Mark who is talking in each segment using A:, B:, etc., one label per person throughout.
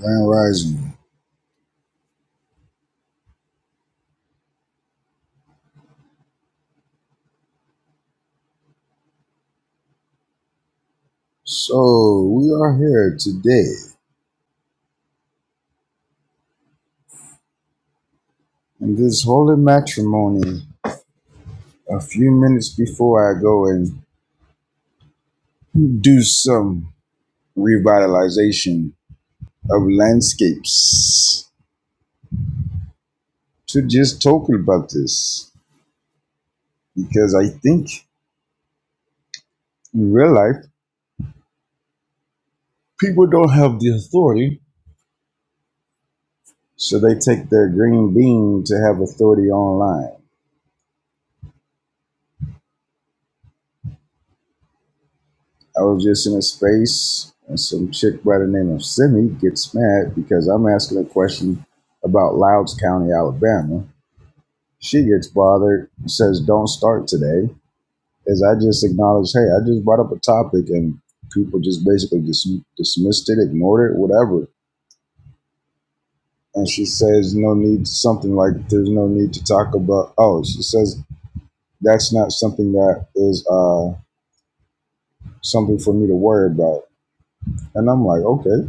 A: Grand Rising. So we are here today in this holy matrimony. A few minutes before I go and do some revitalization of landscapes to just talk about this because I think in real life people don't have the authority, so they take their green bean to have authority online. I was just in a space and some chick by the name of Simi gets mad because I'm asking a question about Louds County, Alabama. She gets bothered, says, Don't start today. As I just acknowledged, hey, I just brought up a topic and people just basically dis- dismissed it, ignored it, whatever. And she says, No need, something like, There's no need to talk about. Oh, she says, That's not something that is uh, something for me to worry about. And I'm like, Okay,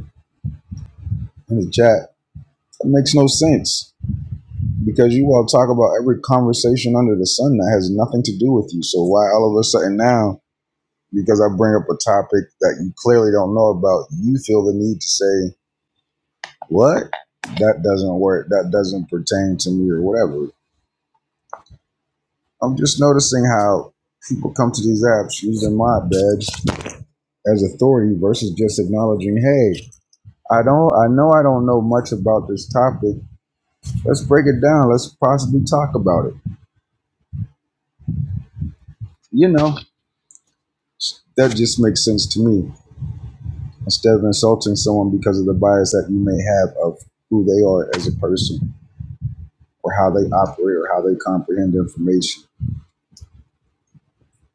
A: in the chat, that makes no sense because you all talk about every conversation under the sun that has nothing to do with you. So why all of a sudden now, because I bring up a topic that you clearly don't know about, you feel the need to say, What? That doesn't work. That doesn't pertain to me or whatever. I'm just noticing how people come to these apps using my badge as authority versus just acknowledging, hey, I don't I know I don't know much about this topic. Let's break it down. Let's possibly talk about it. You know, that just makes sense to me instead of insulting someone because of the bias that you may have of who they are as a person or how they operate or how they comprehend information.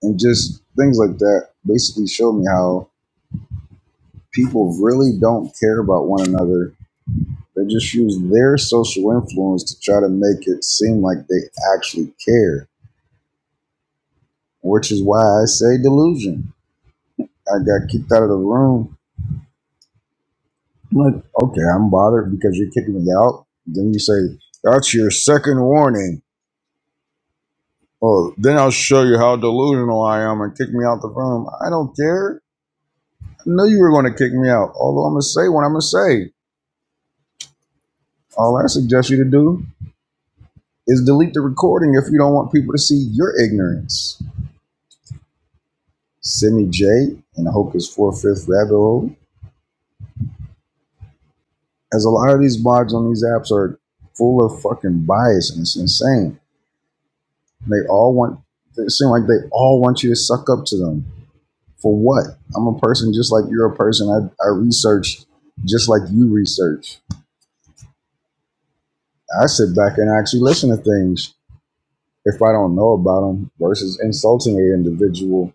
A: And just things like that basically showed me how people really don't care about one another. They just use their social influence to try to make it seem like they actually care, which is why I say delusion. I got kicked out of the room. I'm like, okay, I'm bothered because you're kicking me out. Then you say, that's your second warning Oh, then I'll show you how delusional I am and kick me out the room. I don't care. I knew you were going to kick me out. Although I'm going to say what I'm going to say. All I suggest you to do is delete the recording if you don't want people to see your ignorance. Simi J and I four fifth rabbit hole. As a lot of these mods on these apps are full of fucking bias and it's insane. They all want. It seems like they all want you to suck up to them. For what? I'm a person just like you're a person. I, I research just like you research. I sit back and actually listen to things if I don't know about them versus insulting an individual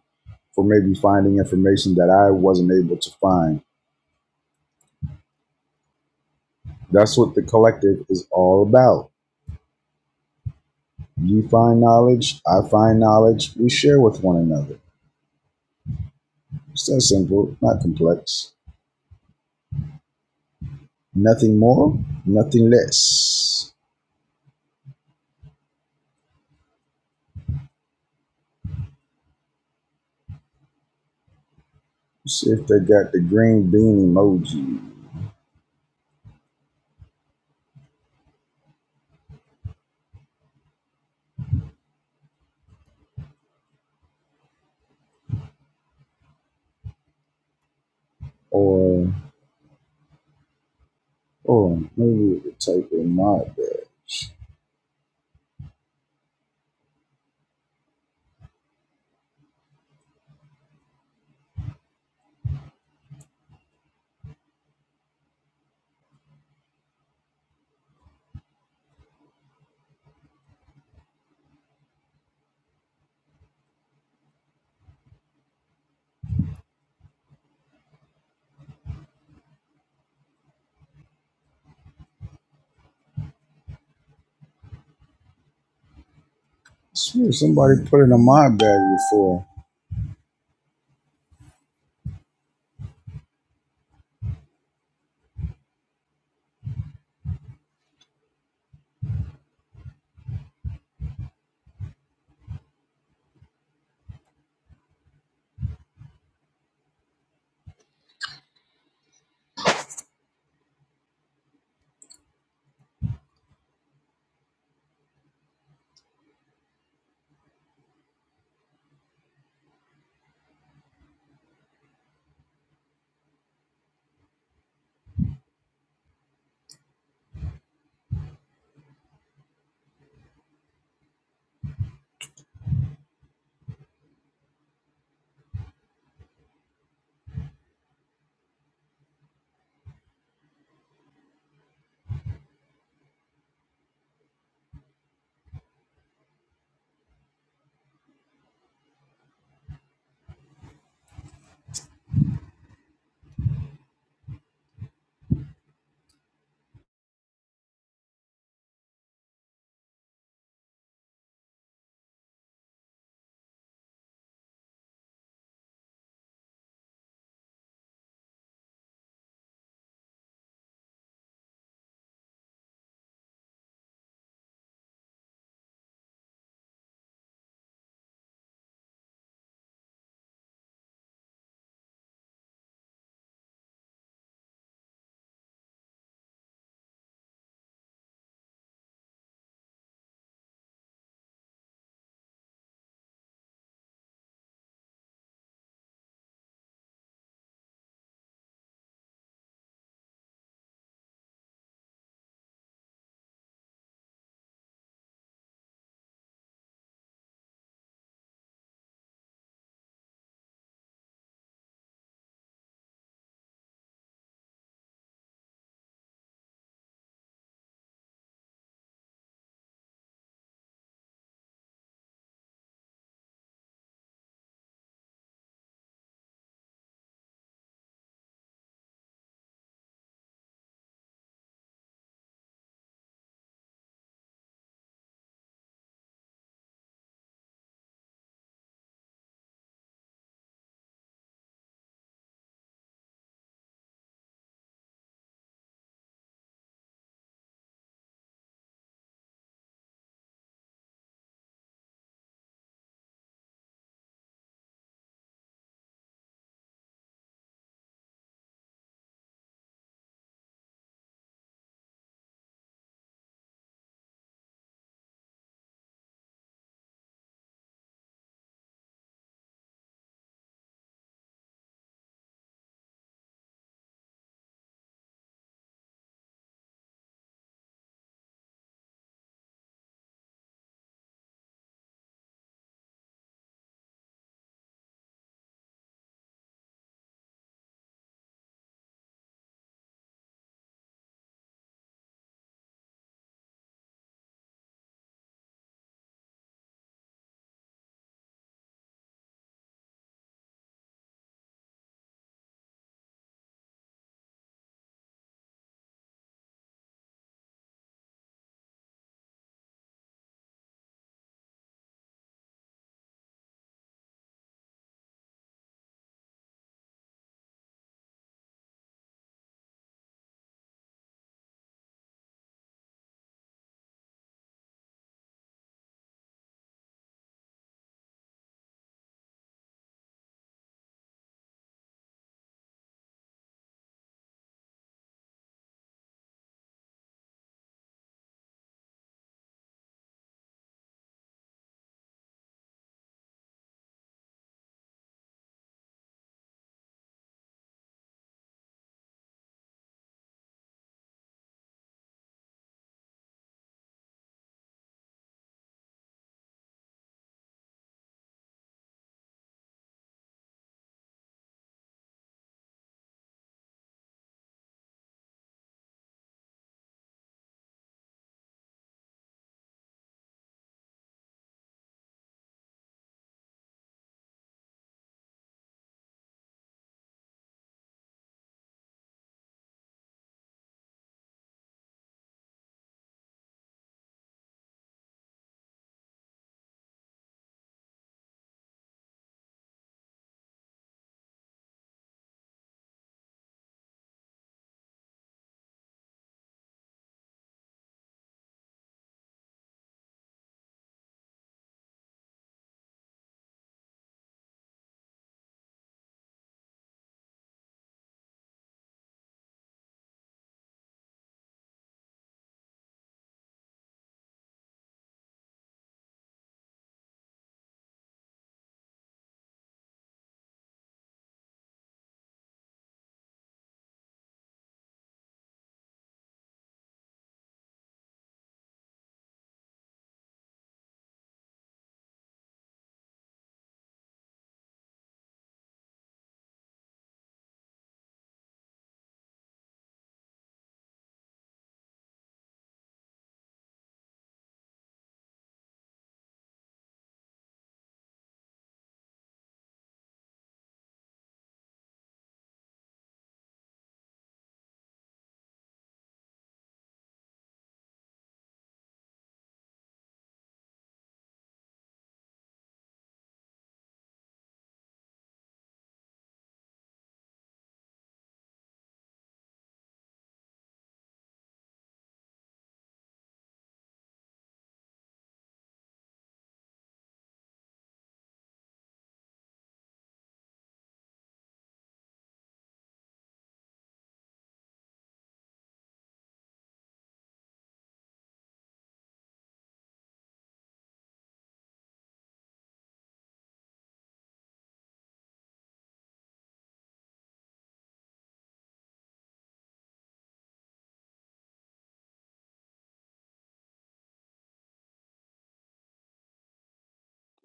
A: for maybe finding information that I wasn't able to find. That's what the collective is all about. You find knowledge, I find knowledge, we share with one another. It's that simple, not complex. Nothing more, nothing less. Let's see if they got the green bean emoji or, oh, maybe we could type in mod bag. I swear somebody put in a mod bag before.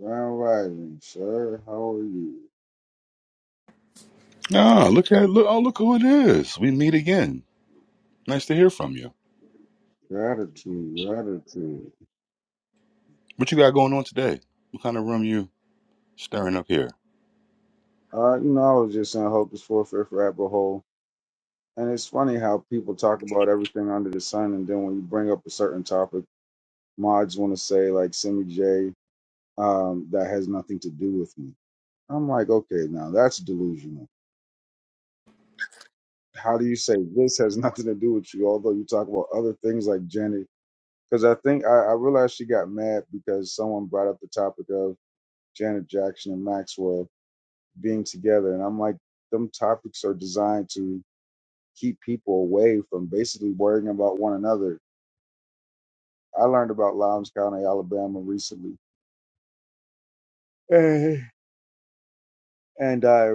A: Grand Rising, sir. How are you?
B: Ah, look at look oh look who it is. We meet again. Nice to hear from you.
A: Gratitude, gratitude.
B: What you got going on today? What kind of room you stirring up here?
A: Uh, you know, I was just in Hocus for Fifth rabbit hole, and it's funny how people talk about everything under the sun, and then when you bring up a certain topic, mods want to say like Simi J, um, that has nothing to do with me. I'm like, okay, now that's delusional. How do you say this has nothing to do with you? Although you talk about other things like Janet, because I think I, I realized she got mad because someone brought up the topic of Janet Jackson and Maxwell being together. And I'm like, them topics are designed to keep people away from basically worrying about one another. I learned about Lowndes County, Alabama recently. Eh. And I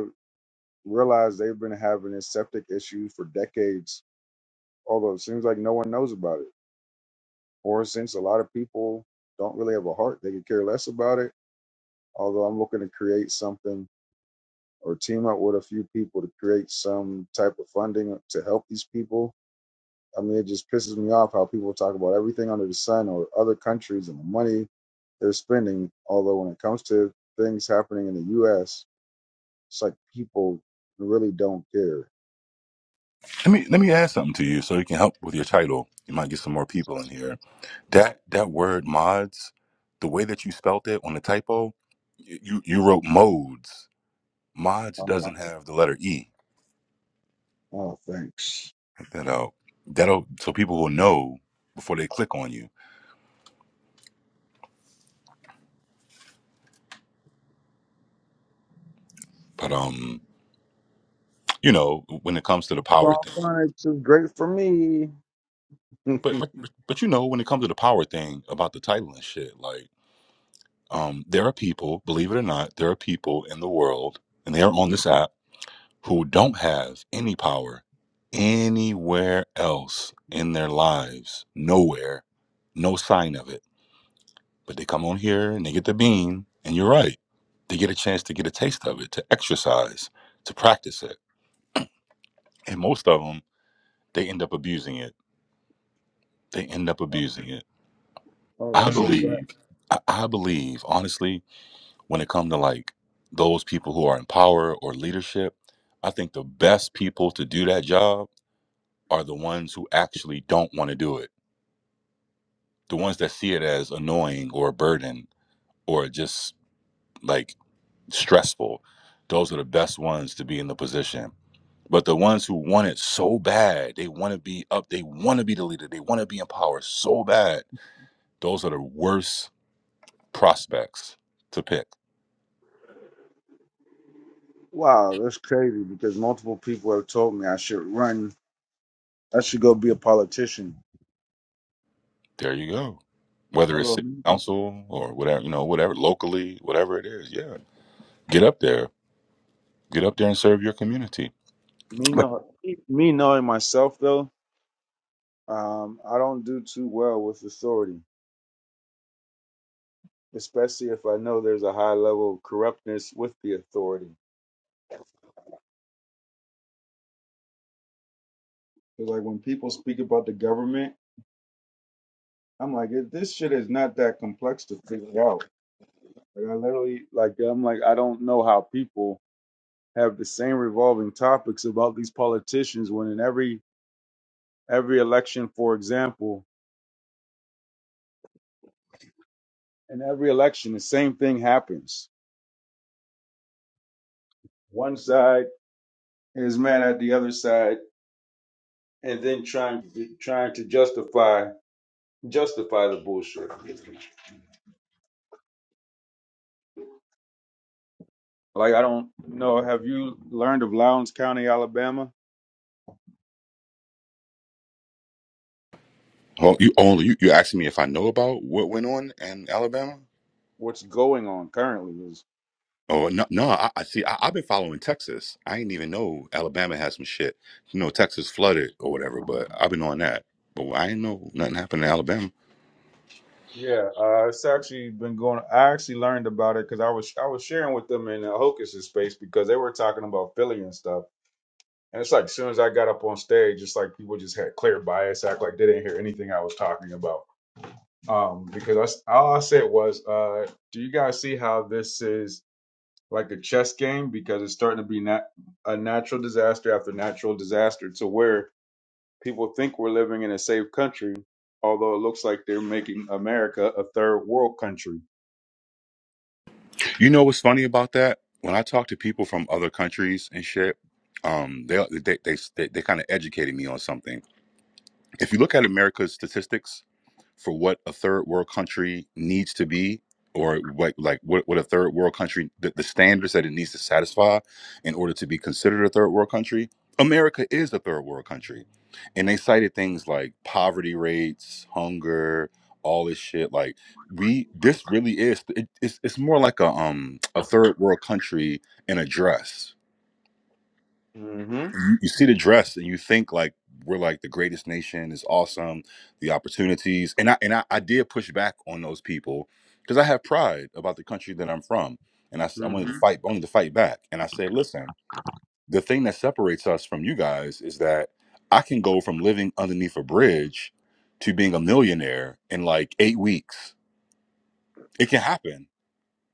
A: realized they've been having this septic issue for decades, although it seems like no one knows about it. Or since a lot of people don't really have a heart, they could care less about it. Although I'm looking to create something or team up with a few people to create some type of funding to help these people I mean, it just pisses me off how people talk about everything under the sun or other countries and the money they're spending. Although when it comes to things happening in the U.S., it's like people really don't care.
B: Let me so you can help with your title. Get some more people in here. That that word mods, the way they spelled it on the oh, you you wrote modes. Mods
A: Oh,
B: doesn't have the letter E.
A: oh thanks.
B: Check that out. That'll so people will know before they click on you. But um, you know, when it comes to the power
A: Well,
B: thing.
A: Phonics is great for me.
B: But but
A: oh,
B: but you know, when it comes to the power thing about the title and shit, like Um, there are people, believe it or not, there are people in the world, and they are on this app, who don't have any power anywhere else in their lives. Nowhere. No sign of it. But they come on here and they get the bean, and you're right. They get a chance to get a taste of it, to exercise, to practice it. And most of them, they end up abusing it. They end up abusing it. I
A: that's a fact.
B: believe, I, I believe, honestly, when it comes to like those people who are in power or leadership, I think the best people to do that job are the ones who actually don't want to do it. The ones that see it as annoying or a burden or just like stressful. Those are the best ones to be in the position. But the ones who want it so bad, they want to be up, they want to be the leader, they want to be in power so bad. Those are the worst prospects to pick
A: Wow, that's crazy because multiple people have told me I should run. I should go be a politician.
B: There you go. Whether it's
A: Although
B: city
A: me,
B: council or whatever, you know, whatever locally, whatever it is, yeah, get up there, get up there and serve your community.
A: me,
B: But-
A: know, me knowing myself though, um, I don't do too well with authority. especially if I know there's a high level of corruptness with the authority. 'Cause, like when people speak about the government, I'm like, this shit is not that complex to figure out. Like I literally, like I'm like, I don't know how people have the same revolving topics about these politicians when in every every election, for example, in every election, the same thing happens. One side is mad at the other side, and then trying trying to justify justify the bullshit. Like I don't know. Have you learned of Lowndes County, Alabama?
B: Well, you only you, you asking me if I know about what went on in Alabama?
A: What's going on currently is
B: Oh no, no. I, I see. I, I've been following Texas. I didn't even know Alabama had some shit. You know, Texas flooded or whatever, but I've been on that. But I didn't know nothing happened in Alabama.
A: yeah. Uh, it's actually been going. I actually learned about it because I was I was sharing with them in the Hokus's space because they were talking about Philly and stuff. And it's like as soon as I got up on stage, it's like people just had clear bias, act like they didn't hear anything I was talking about. Um, because I s all I said was, uh, do you guys see how this is like a chess game? Because it's starting to be nat- a natural disaster after natural disaster to where people think we're living in a safe country, although it looks like they're making America a third world country.
B: You know what's funny about that? When I talk to people from other countries and shit, um, they they they they, they kind of educated me on something If you look at America's statistics for what a third world country needs to be, or what like what, what a third world country the, the standards that it needs to satisfy in order to be considered a third world country, America is a third world country. And they cited things like poverty rates, hunger, all this shit. Like we this really is it, it's, it's more like a um a third world country in a dress
A: hmm
B: you you see the dress and you think like we're like the greatest nation is awesome the opportunities and i and i, I did push back on those people because i have pride about the country that i'm from and I, s- I wanted
A: hmm
B: to fight I wanted to fight back and i said listen the thing that separates us from you guys is that i can go from living underneath a bridge to being a millionaire in like eight weeks it can happen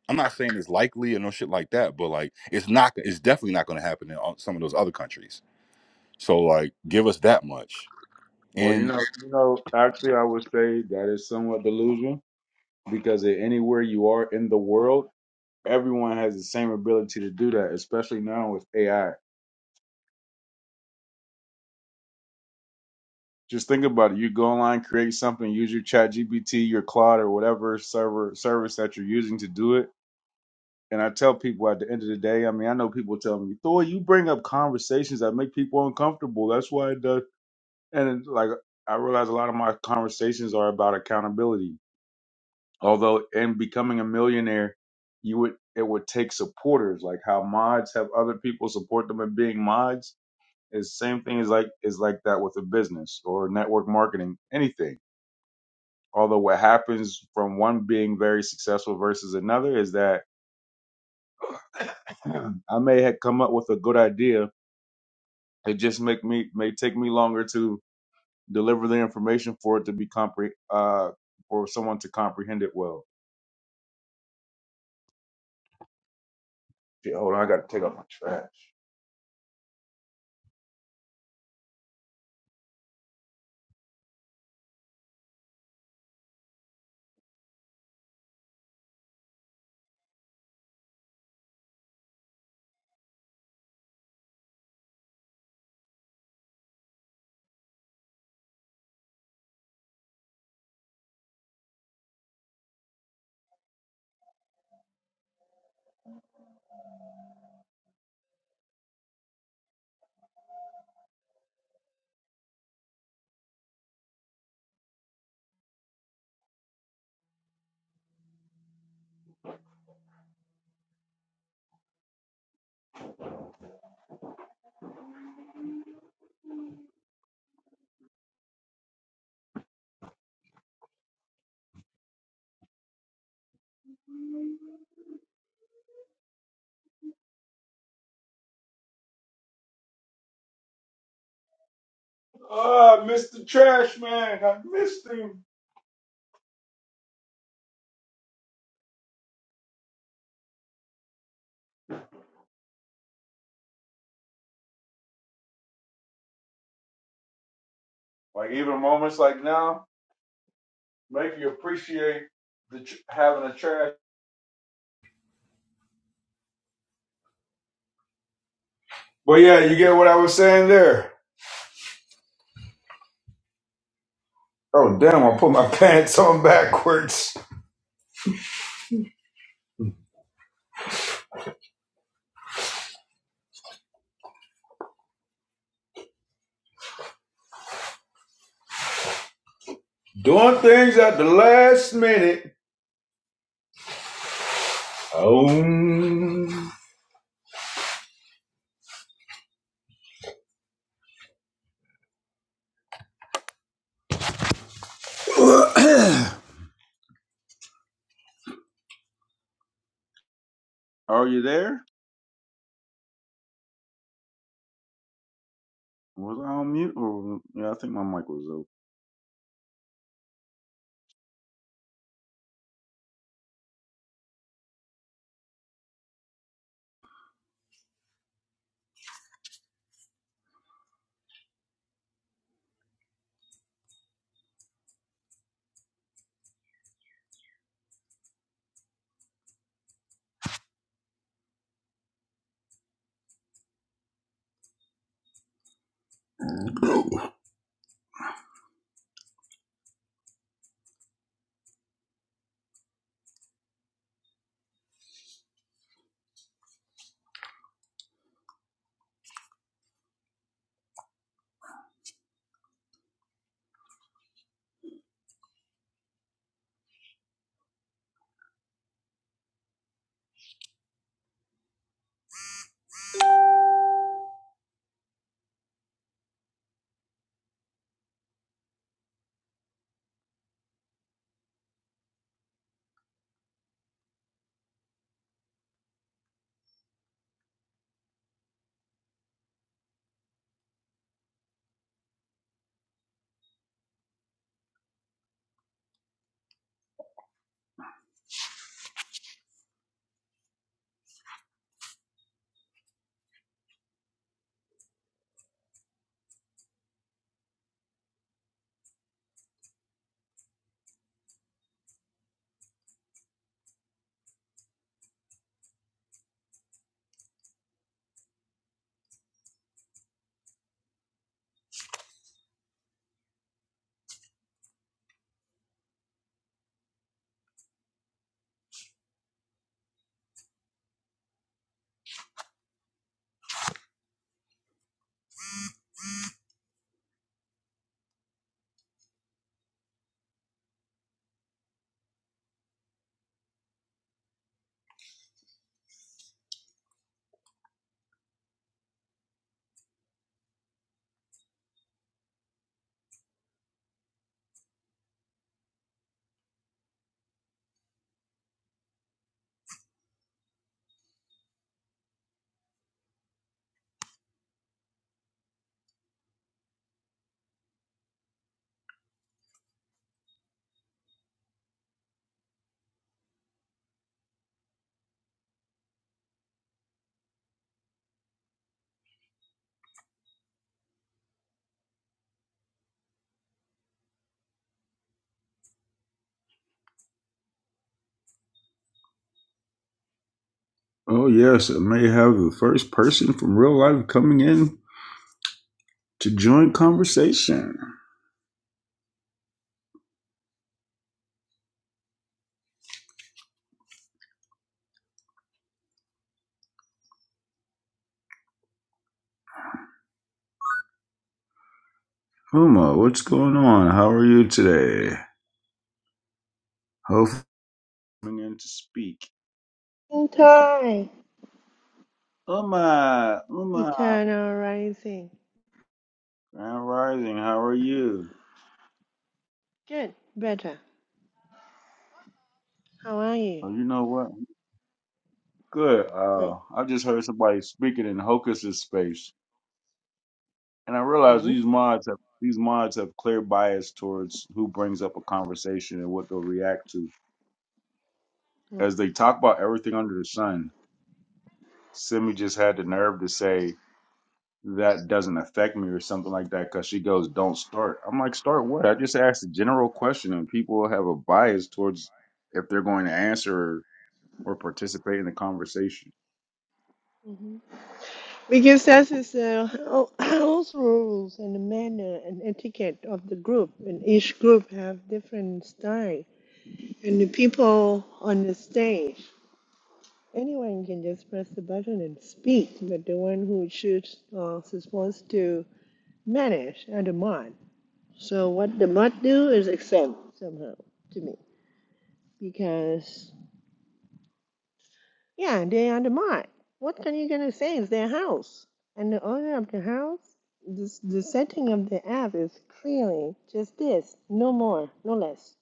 B: i'm not saying it's likely or no shit like that but like it's not it's definitely not going to happen in all- some of those other countries so like give us that much.
A: Well, you
B: And
A: know, you know, actually, I would say that is somewhat delusion because a- anywhere you are in the world, everyone has the same ability to do that, especially now with AI. Just think about it. You go online, create something, use your Chat GPT, your Claude, or whatever server service that you're using to do it And I tell people at the end of the day, I mean, I know people tell me, Thor, you bring up conversations that make people uncomfortable. That's why it does. And it's like, I realize a lot of my conversations are about accountability. Although in becoming a millionaire, you would, it would take supporters, like how mods have other people support them in being mods. Is same thing is like is like that with a business or network marketing, anything. Although what happens from one being very successful versus another is that I may have come up with a good idea It just make me may take me longer to deliver the information for it to be compre uh for someone to comprehend it well. Shit, hold on, I gotta take out my trash. Ah, I missed the trash man. I missed him. Like even moments like now make you appreciate the tr- having a trash. But yeah, you get what I was saying there. Oh damn! I put my pants on backwards. Doing things at the last minute. Oh. Are you there? Was I on mute? Or yeah, I think my mic was open. Oh, yes, it may have the first person from real life coming in to join conversation. Uma, what's going on? How are you today? Hopefully, Coming in to speak.
C: In time,
A: Uma, Uma,
C: eternal rising.
A: Grand Rising. How are you?
C: Good, better. How are you?
A: Oh, you know what? Good. Uh,
C: Great.
A: I just heard somebody speaking in Hocus's space, and I realized
C: And
A: these mods have these mods have clear bias towards who brings up a conversation and what they'll react to.
C: hmm
A: as they talk about everything under the sun, Simi just had the nerve to say that doesn't affect me or something like that because she goes, "Don't start." I'm like, "Start what?" I just asked a general question, and people have a bias towards if they're going to answer or participate in the conversation.
C: because that is the ho- house rules and the manner and etiquette of the group, and each group have different style. And the people on the stage, anyone can just press the button and speak, but the one who shoots or is supposed to manage are the mod. So what the mod do is exempt somehow to me. because yeah, they're the mark. What are you gonna say is their house? And the owner of the house, this the setting of the app is clearly just this, no more, no less.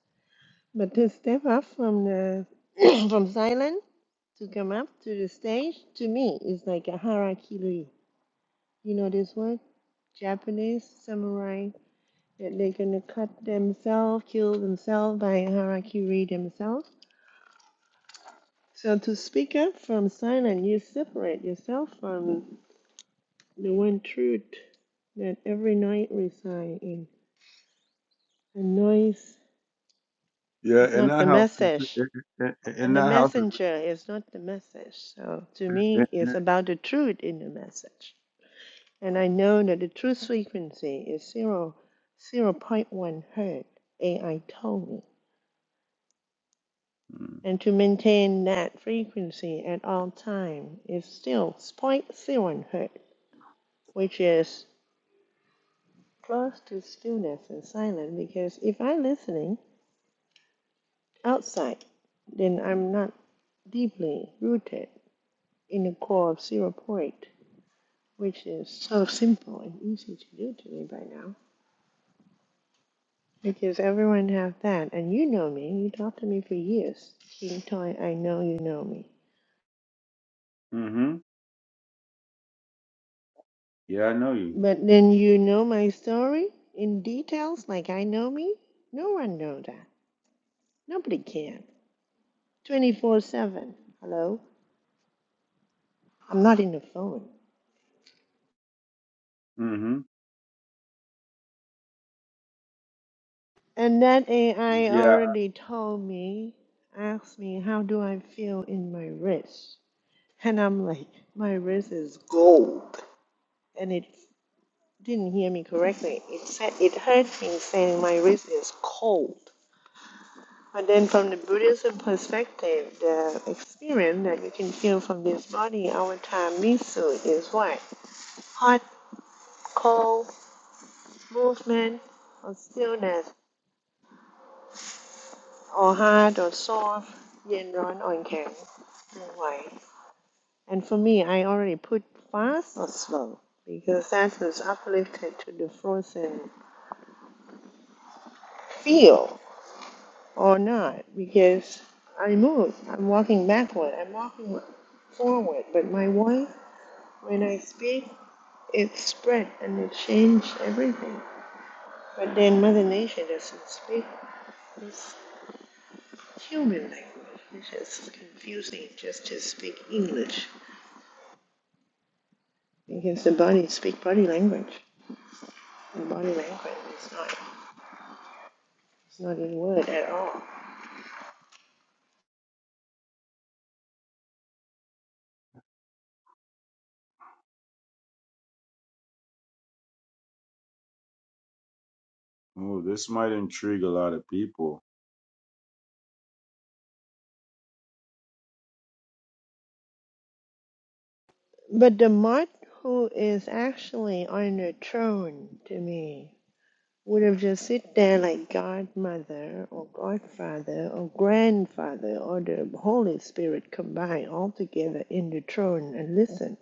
C: But to step up from the from silent to come up to the stage to me is like a harakiri. You know this word? Japanese samurai that they're gonna cut themselves, kill themselves by harakiri themselves So to speak up from silent, you separate yourself from the one truth that every night resides in. The noise
A: Yeah,
C: is
A: in
C: not
A: that
C: the
A: house,
C: message,
A: in
C: and the
A: that house,
C: messenger is not the message. So to me, it's about the truth in the message. And I know that the truth frequency is zero, zero point one hertz. AI told me. And to maintain that frequency at all time is still zero point zero 0.01 hertz, which is close to stillness and silence because if I'm listening outside, then I'm not deeply rooted in the core of zero point, which is so simple and easy to do to me by now. Because everyone have that, and you know me. You talked to me for years. King Toy, I know you know me.
A: mm-hmm. Yeah, I know you.
C: But then you know my story in details, like I know me. No one knows that. Nobody can. Twenty four seven. Hello. I'm not in the phone.
A: Mm-hmm.
C: And that AI
A: Yeah.
C: already told me, asked me, how do I feel in my wrist? And I'm like, my wrist is gold. And it didn't hear me correctly. It said it heard me saying my wrist is cold. But then from the Buddhism perspective, the experience that you can feel from this body, avatar misu, is what? Hot, cold, movement, or stillness. or hard or soft, yin, yang, or yang, that And for me, I already put fast or slow because that was uplifted to the frozen feel or not because I move. I'm walking backward. I'm walking forward. But my voice, when I speak, it spread and it changed everything. But then Mother Nature doesn't speak this human language, which is confusing just to speak English. Because the body speak body language. The body language is not it's not in word at all.
A: Oh, this might intrigue a lot of people.
C: But the Mart who is actually on the throne to me would have just sit there like godmother or godfather or grandfather or the Holy Spirit combined all together in the throne and listen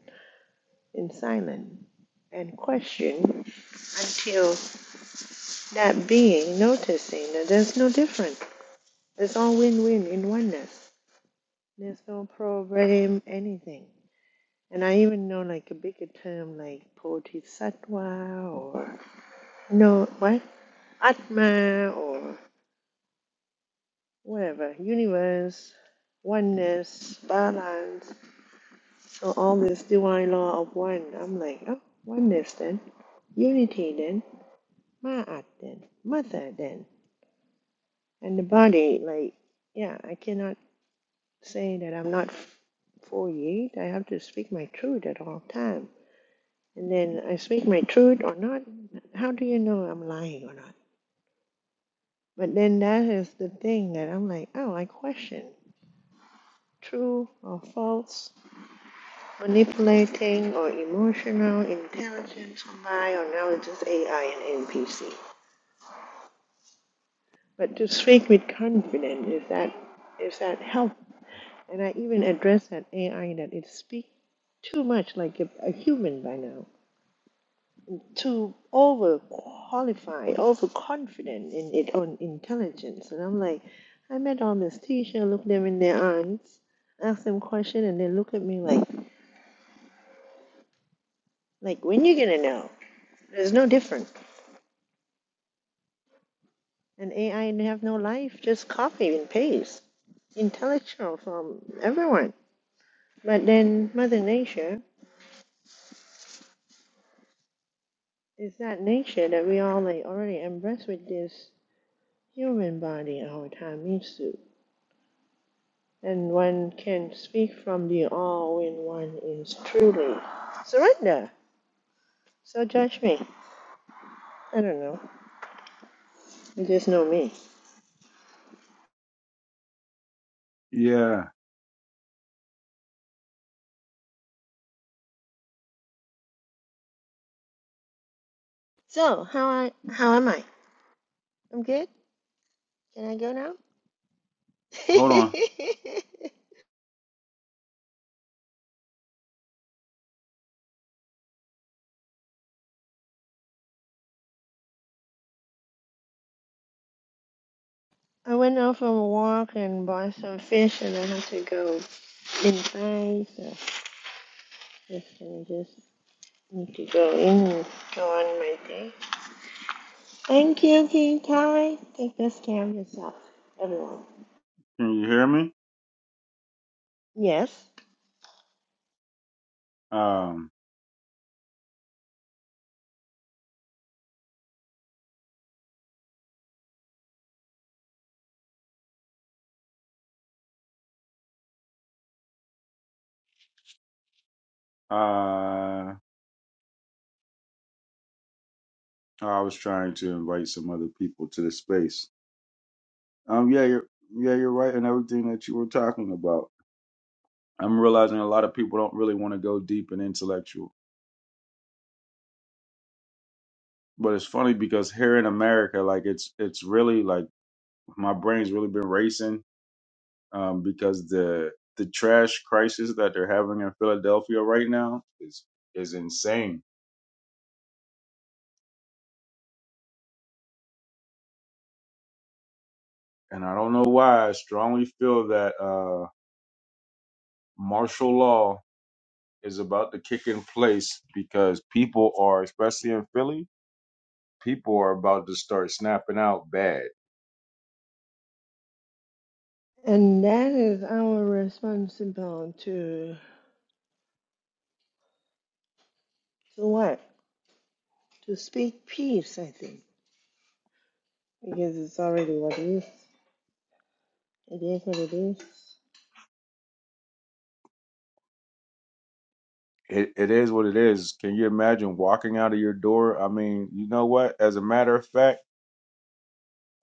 C: in silence and question until that being noticing that there's no difference. It's all win-win in oneness. There's no program, anything. And I even know like a bigger term like bodhisattva or no, what? Atma or whatever, universe, oneness, balance. So all this divine law of one, I'm like, oh, oneness then, unity then, ma'at then, mother then. And the body, like, yeah, I cannot say that I'm not 48. I have to speak my truth at all times And then I speak my truth or not. How do you know I'm lying or not? But then that is the thing that I'm like, oh, I question true or false, manipulating or emotional intelligence or lie, or now it's just AI and NPC. But to speak with confidence is that is that help? And I even address that AI that it speaks too much like a, a human by now. too overqualified, overconfident in its own intelligence. And I'm like, I met all this teacher, look them in their eyes, ask them question, and they look at me like, like when you gonna know? There's no different. And AI have no life, just copy and paste. Intellectual from everyone. But then Mother Nature is that nature that we all like already embrace with this human body our time used to. and one can speak from the all when one is truly surrender. So judge me. I don't know. You just know me.
A: Yeah.
C: So how I how am I? I'm good. Can I go now?
A: Hold on.
C: I went out for a walk and bought some fish, and I had to go inside. So just gonna just need to go in and go on my day. Thank you, King Kai. Take this care of yourself, everyone.
A: Can you hear me?
C: Yes.
A: Um. Uh, I was trying to invite some other people to the space. Um, yeah, you're, yeah, you're right in everything that you were talking about. I'm realizing a lot of people don't really want to go deep and intellectual. But it's funny because here in America, like it's it's really like my brain's really been racing um, because the the trash crisis that they're having in Philadelphia right now is is insane, and I don't know why. I strongly feel that uh, martial law is about to kick in place because people are, especially in Philly, people are about to start snapping out bad.
C: And that is our responsibility to, to what? To speak peace, I think, because it's already what it is. It is what it is.
A: It, it is what it is. Can you imagine walking out of your door? I mean, you know what? As a matter of fact,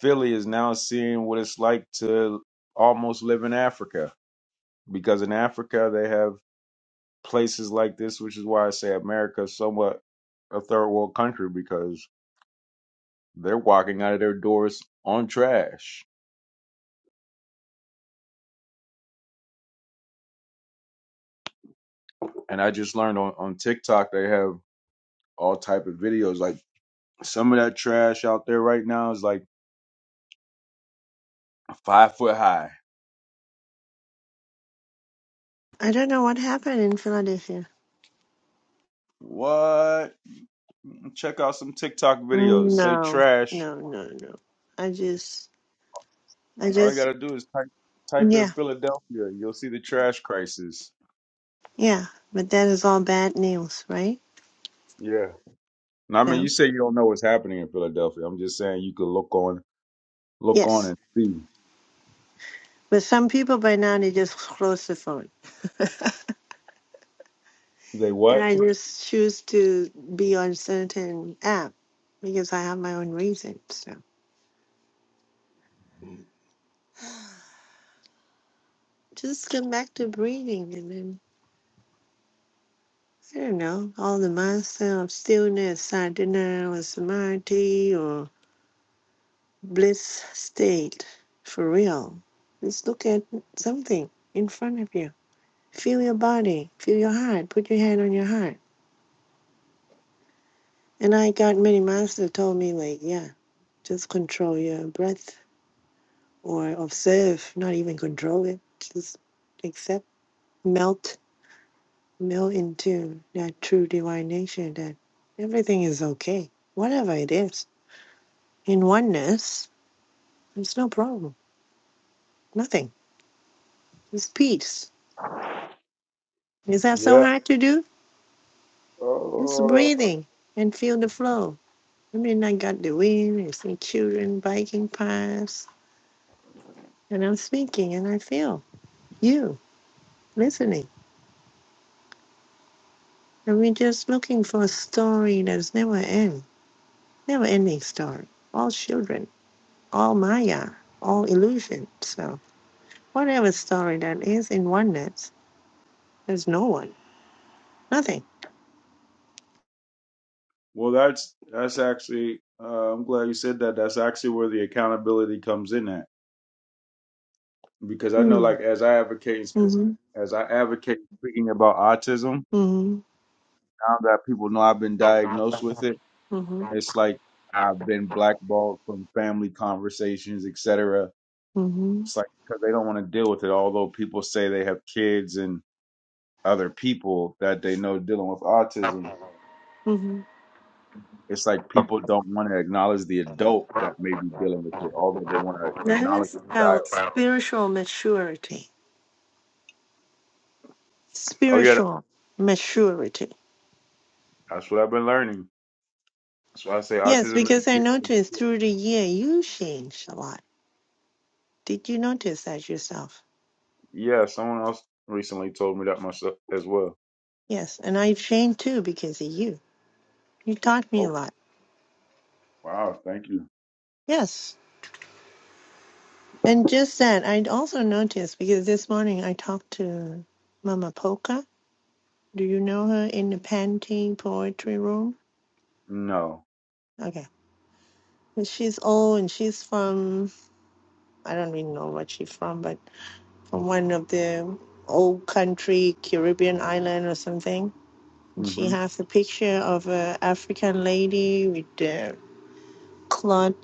A: Philly is now seeing what it's like to almost live in Africa because in Africa they have places like this, which is why I say America is somewhat a third world country because they're walking out of their doors on trash. And I just learned on, on TikTok they have all type of videos. Like some of that trash out there right now is like five foot high.
C: I don't know what happened in Philadelphia.
A: What? Check out some TikTok videos. Say
C: No,
A: trash.
C: no, no, no. I just, I
A: All you
C: just,
A: gotta do is type type in
C: yeah,
A: Philadelphia. You'll see the trash crisis.
C: yeah. But that is all bad news, right?
A: Yeah. Now I mean, you
C: So,
A: say you don't know what's happening in Philadelphia. I'm just saying you could look on look on
C: yes.
A: and see.
C: But some people by now, they just close the phone.
A: They
C: And
A: what?
C: I just choose to be on certain app because I have my own reasons. Just come back to breathing and then, I don't know, all the mindset of stillness, sadhana or samadhi or bliss state for real. Just look at something in front of you. Feel your body, feel your heart, put your hand on your heart. And I got many masters told me, like, yeah, just control your breath or observe, not even control it. Just accept, melt meld into that true divine nature that everything is okay, whatever it is. In oneness, there's no problem, nothing. It's peace. Is that so
A: Yeah.
C: hard to do? It's
A: Oh.
C: breathing and feel the flow. I mean, I got the wind, I see children biking past, and I'm speaking and I feel you listening. And we're just looking for a story that's never end, never ending story. All children, all Maya, all illusion. So. whatever story that is in oneness, there's no one, nothing.
A: Well, that's that's actually. Uh, I'm glad you said that. That's actually where the accountability comes in at because I know,
C: Mm.
A: like, as I advocate and speaking,
C: hmm
A: as I advocate speaking about autism,
C: Mm-hmm.
A: now that people know I've been diagnosed with
C: Mm-hmm.
A: it,
C: Mm-hmm.
A: it's like I've been blackballed from family conversations, etc. It's
C: Mm-hmm.
A: like because they don't want to deal with it. Although people say they have kids and other people that they know dealing with autism,
C: hmm
A: it's like people don't want to acknowledge the adult that may be dealing with it, although they want to acknowledge
C: is
A: the child.
C: about spiritual maturity.
A: Oh yeah,
C: Spiritual maturity.
A: that's what I've been learning. That's why I say
C: Yes,
A: autism is
C: because
A: a
C: I
A: gift.
C: noticed through the year you changed a lot. Did you notice that yourself?
A: Yeah, someone else recently told me that myself as well.
C: Yes, and I changed too because of you. You taught me
A: Oh,
C: a lot.
A: wow. Thank you.
C: Yes. And just that, I also noticed because this morning I talked to Mama Polka Do you know her in the painting poetry room?
A: No.
C: Okay. And She's old and she's from, I don't really know what she's from, but from one of the old country Caribbean island or something. And she
A: hmm
C: has a picture of a African lady with the cloth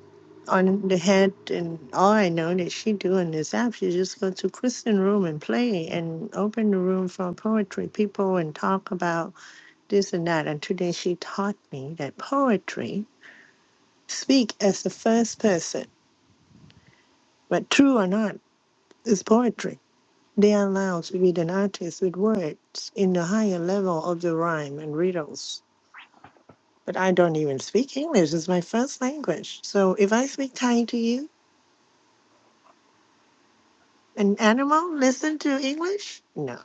C: on the head. And all I know that she do in this app, she just go to Christian room and play and open the room for poetry people and talk about this and that. And today she taught me that poetry Speak as the first person, but true or not is poetry. They allow us to be an artist with words in the higher level of the rhyme and riddles. But I don't even speak English, it's my first language. So if I speak Thai to you, an animal listen to English? No.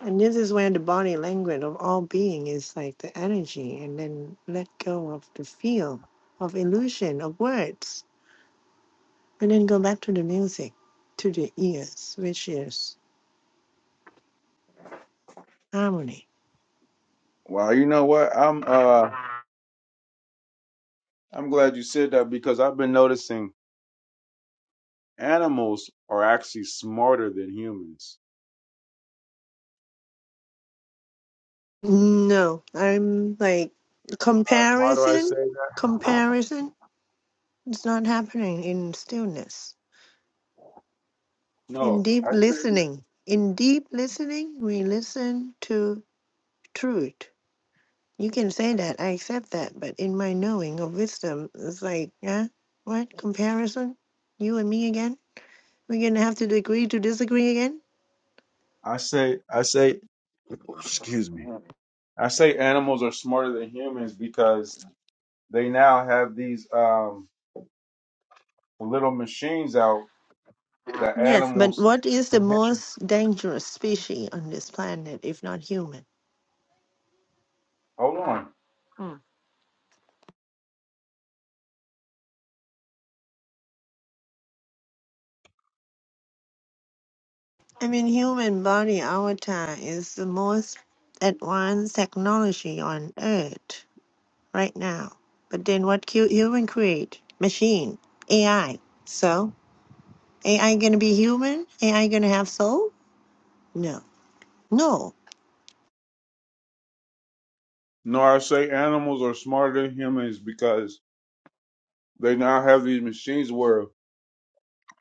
C: And this is where the body language of all being is like the energy and then let go of the feel of illusion of words. And then go back to the music, to the ears, which is harmony
A: Well, you know what? I'm uh I'm glad you said that because I've been noticing animals are actually smarter than humans.
C: No, I'm like
A: Uh, Why do I say
C: comparison.
A: that?
C: Comparison is not happening in stillness. In
A: No,
C: deep
A: I say that.
C: listening, in deep listening, we listen to truth. You can say that, I accept that, but in my knowing of wisdom, it's like, yeah, what comparison? You and me again? We're gonna have to agree to disagree again?
A: I say I say excuse me. I say animals are smarter than humans because they now have these um little machines out that
C: Yes, but
A: animals
C: what is the
A: can hit.
C: most dangerous species on this planet if not human?
A: Hold on.
C: I mean, human body avatar is the most advanced technology on earth right now. But then what cu- human create? Machine, AI. So AI gonna be human? AI gonna have soul? No. No.
A: No, I say animals are smarter than humans because they now have these machines where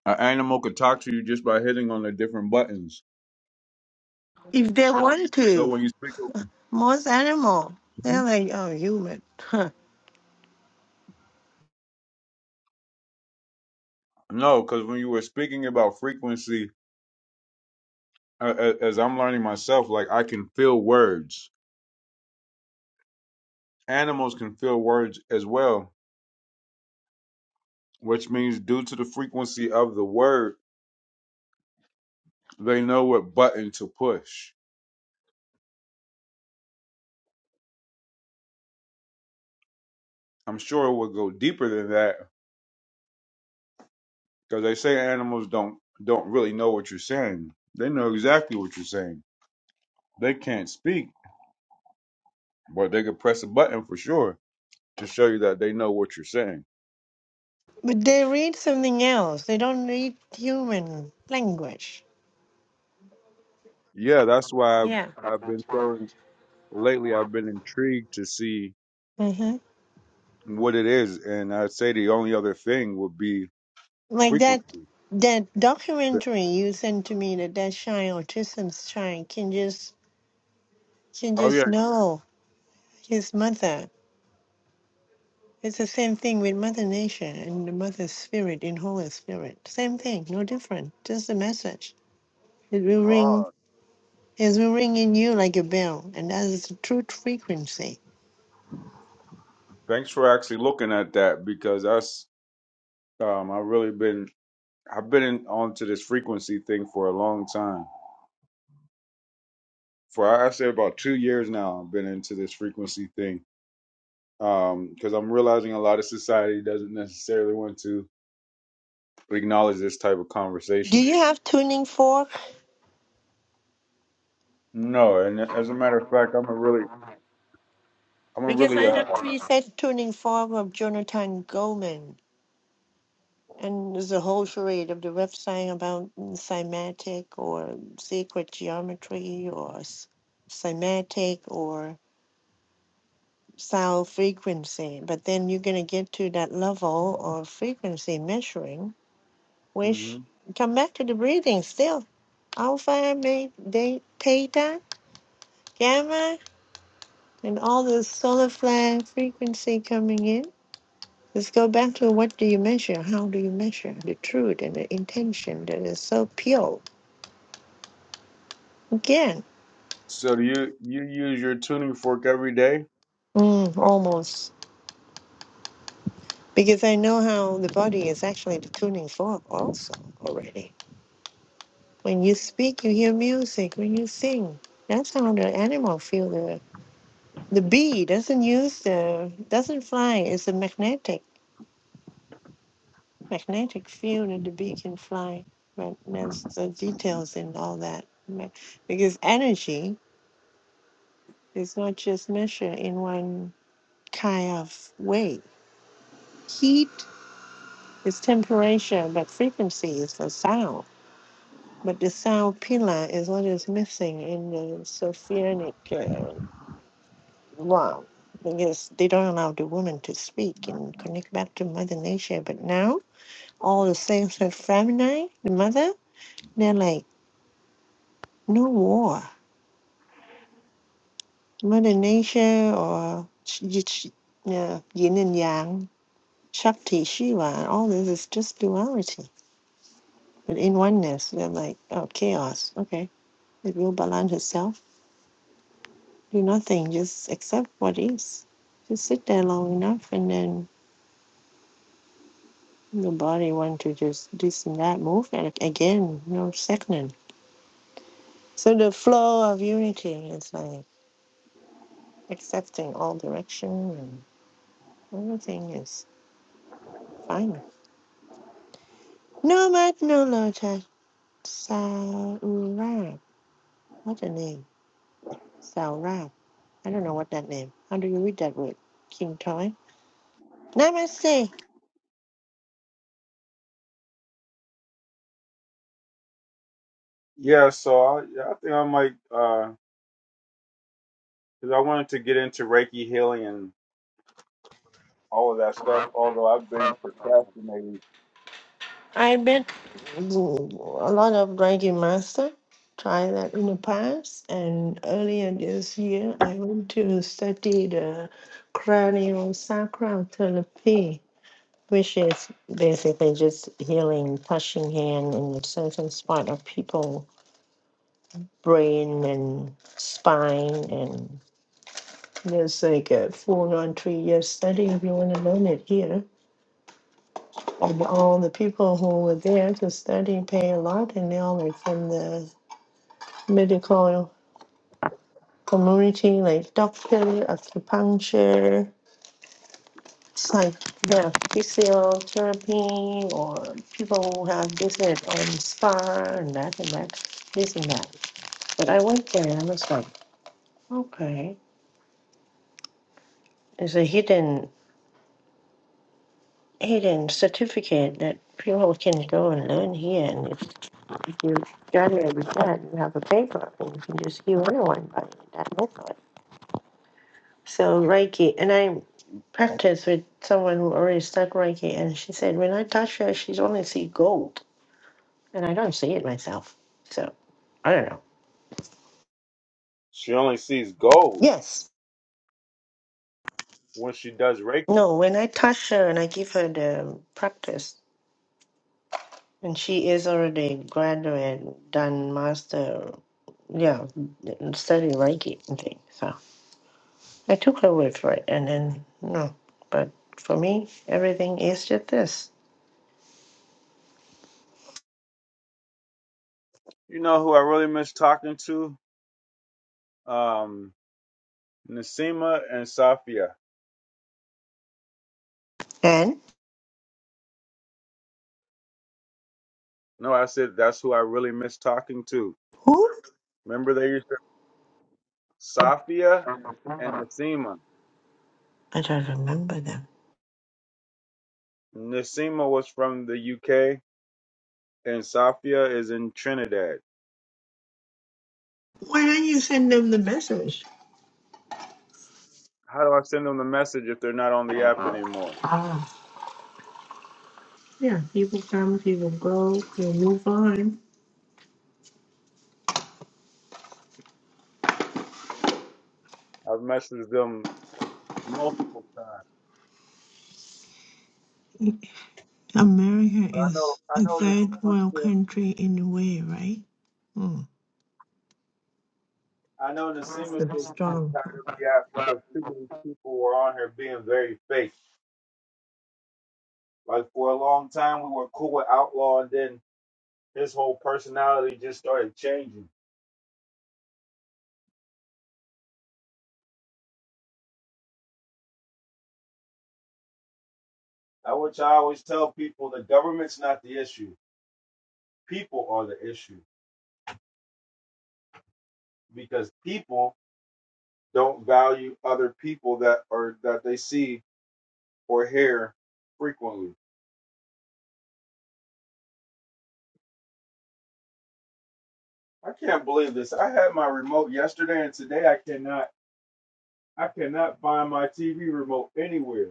A: an animal could talk to you just by hitting on the different buttons.
C: If they want
A: So
C: to,
A: when you speak,
C: most animal,
A: Mhm.
C: they're like, oh, human. Huh.
A: no, because when you were speaking about frequency, uh, a- as I'm learning myself, like I can feel words. Animals can feel words as well, which means due to the frequency of the word, they know what button to push. I'm sure it would go deeper than that, because they say animals don't don't really know what you're saying. They know exactly what you're saying. They can't speak, but they could press a button for sure to show you that they know what you're saying.
C: But they read something else. They don't read human language.
A: Yeah, that's why I've,
C: Yeah.
A: I've been so lately. I've been intrigued to see
C: Mhm.
A: what it is, and I'd say the only other thing would be
C: Like that
A: frequency.
C: that
A: But-
C: documentary you sent to me that that child, autism's child, can just can
A: Oh yeah.
C: just know his mother. It's the same thing with Mother Nature and the Mother Spirit in Holy Spirit. Same thing, no different. Just the message. It will ring.
A: Oh,
C: It will ring in you like a bell, and that is the truth frequency.
A: thanks for actually looking at that because that's um I've really been I've been in, onto this frequency thing for a long time for I say about two years now I've been into this frequency thing because I'm realizing a lot of society doesn't necessarily want to acknowledge this type of
C: Do
A: conversation.
C: you have tuning fork?
A: No, and as a matter of fact, I'm a really, I'm a
C: Because I
A: really. Uh,
C: have preset tuning fork of Jonathan Goldman. And there's a whole charade of the ref saying about cymatic or secret geometry or s- cymatic or sound frequency. But then you're going to get to that level of frequency measuring,
A: hmm
C: which come back to the breathing still. Alpha, may they theta, gamma, and all the solar flare frequency coming in. Let's go back to what do you measure? How do you measure the truth and the intention that is so pure? Again,
A: So do you you use your tuning fork every day?
C: mm, almost. Because I know how the body is actually the tuning fork also already. When you speak, you hear music. When you sing, that's how the animal feel the the bee doesn't use the doesn't fly. It's a magnetic magnetic field that the bee can fly. But there's the details in all that. Ma- Because energy is not just measured in one kind of way. Heat It's temperature, but frequency is the sound. But the sound pillar is what is missing in the Sophianic uh, law because they don't allow the woman to speak and connect back to Mother Nature. But now, all the saints of Femini, the mother, they're like, no war. Mother Nature or sh- sh- yeah, yin and yang, Shakti, Shiva, all this is just duality. But in oneness, they're like, oh, chaos. Okay. It will balance itself do nothing, just accept what is. Just sit there long enough and then the body want to just this and that move and again, no second. So the flow of unity is like accepting all direction and everything is fine. No mat, no Nolocha Saurab. What a name. Saurab. I don't know what that name. How do you read that word? King Toy? Namaste.
A: Yeah, so I, yeah, I think I might because I wanted to get into Reiki healing and all of that stuff. Although I've been procrastinating,
C: I bet mm, a lot of Reiki master tried that in the past. And earlier this year, I went to study the cranial sacral therapy, which is basically just healing, touching hand in certain spot of people, brain and spine. And there's like a full-on three-year study if you want to learn it here and all the people who were there to study pay a lot, and they all were from the medical community like doctor, acupuncture, psych, yeah, physiotherapy, or people who have visit on spa and that and that, this and that. But I went there and I was like, okay, there's a hidden hidden certificate that people can go and learn here, and if, if you graduate with that, you have a paper, and you can just give anyone by that method. So Reiki, and I practiced with someone who already stuck Reiki, and she said when I touch her, she's only see gold, and I don't see it myself. So I don't know.
A: she only sees gold
C: Yes,
A: when she does Reiki.
C: no. When I touch her and I give her the practice, and she is already graduate, done master, yeah, study Reiki and thing. So I took her word for it, and then no. But for me, everything is just this.
A: You know who I really miss talking to? um, Nasima and Safia.
C: And
A: No, I said that's who I really miss talking to.
C: who?
A: Remember they used to Safia and Nasima.
C: I don't remember them.
A: Nasima was from the UK and Safia is in Trinidad.
C: Why don't you send them the message?
A: How do I send them the message if they're not on the app anymore?
C: Ah. Yeah, people come, people go, people move on.
A: I've messaged them multiple times.
C: America
A: I know
C: is
A: I
C: a
A: know
C: third
A: Nasima
C: world
A: said
C: country in a way, right? Hmm.
A: I know Nasima
C: That's
A: said
C: a
A: she was
C: strong
A: tired of
C: topic.
A: the app because too many people were on her being very fake. Like for a long time we were cool with Outlaw and then his whole personality just started changing. I which I always tell people the government's not the issue. People are the issue because people don't value other people that are that they see or hear frequently. I can't believe this. I had my remote yesterday and today I cannot I cannot find my TV remote anywhere.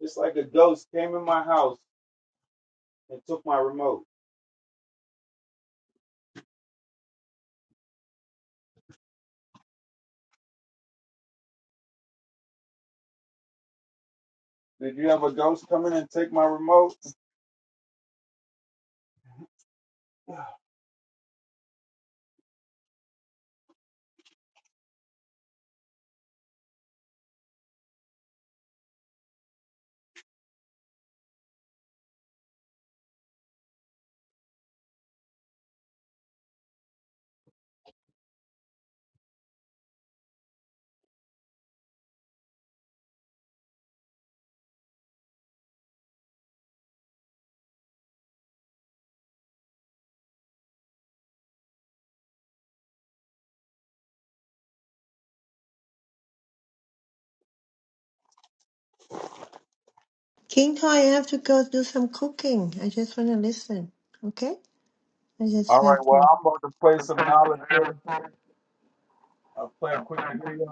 A: It's like a ghost came in my house and took my remote. Did you have a ghost come in and take my remote?
C: King Toy, I have to go do some cooking. I just want to listen. Okay? I
A: All
C: just
A: right,
C: have
A: well, I'm about to play some knowledge here.
C: to.
A: I'll play a quick video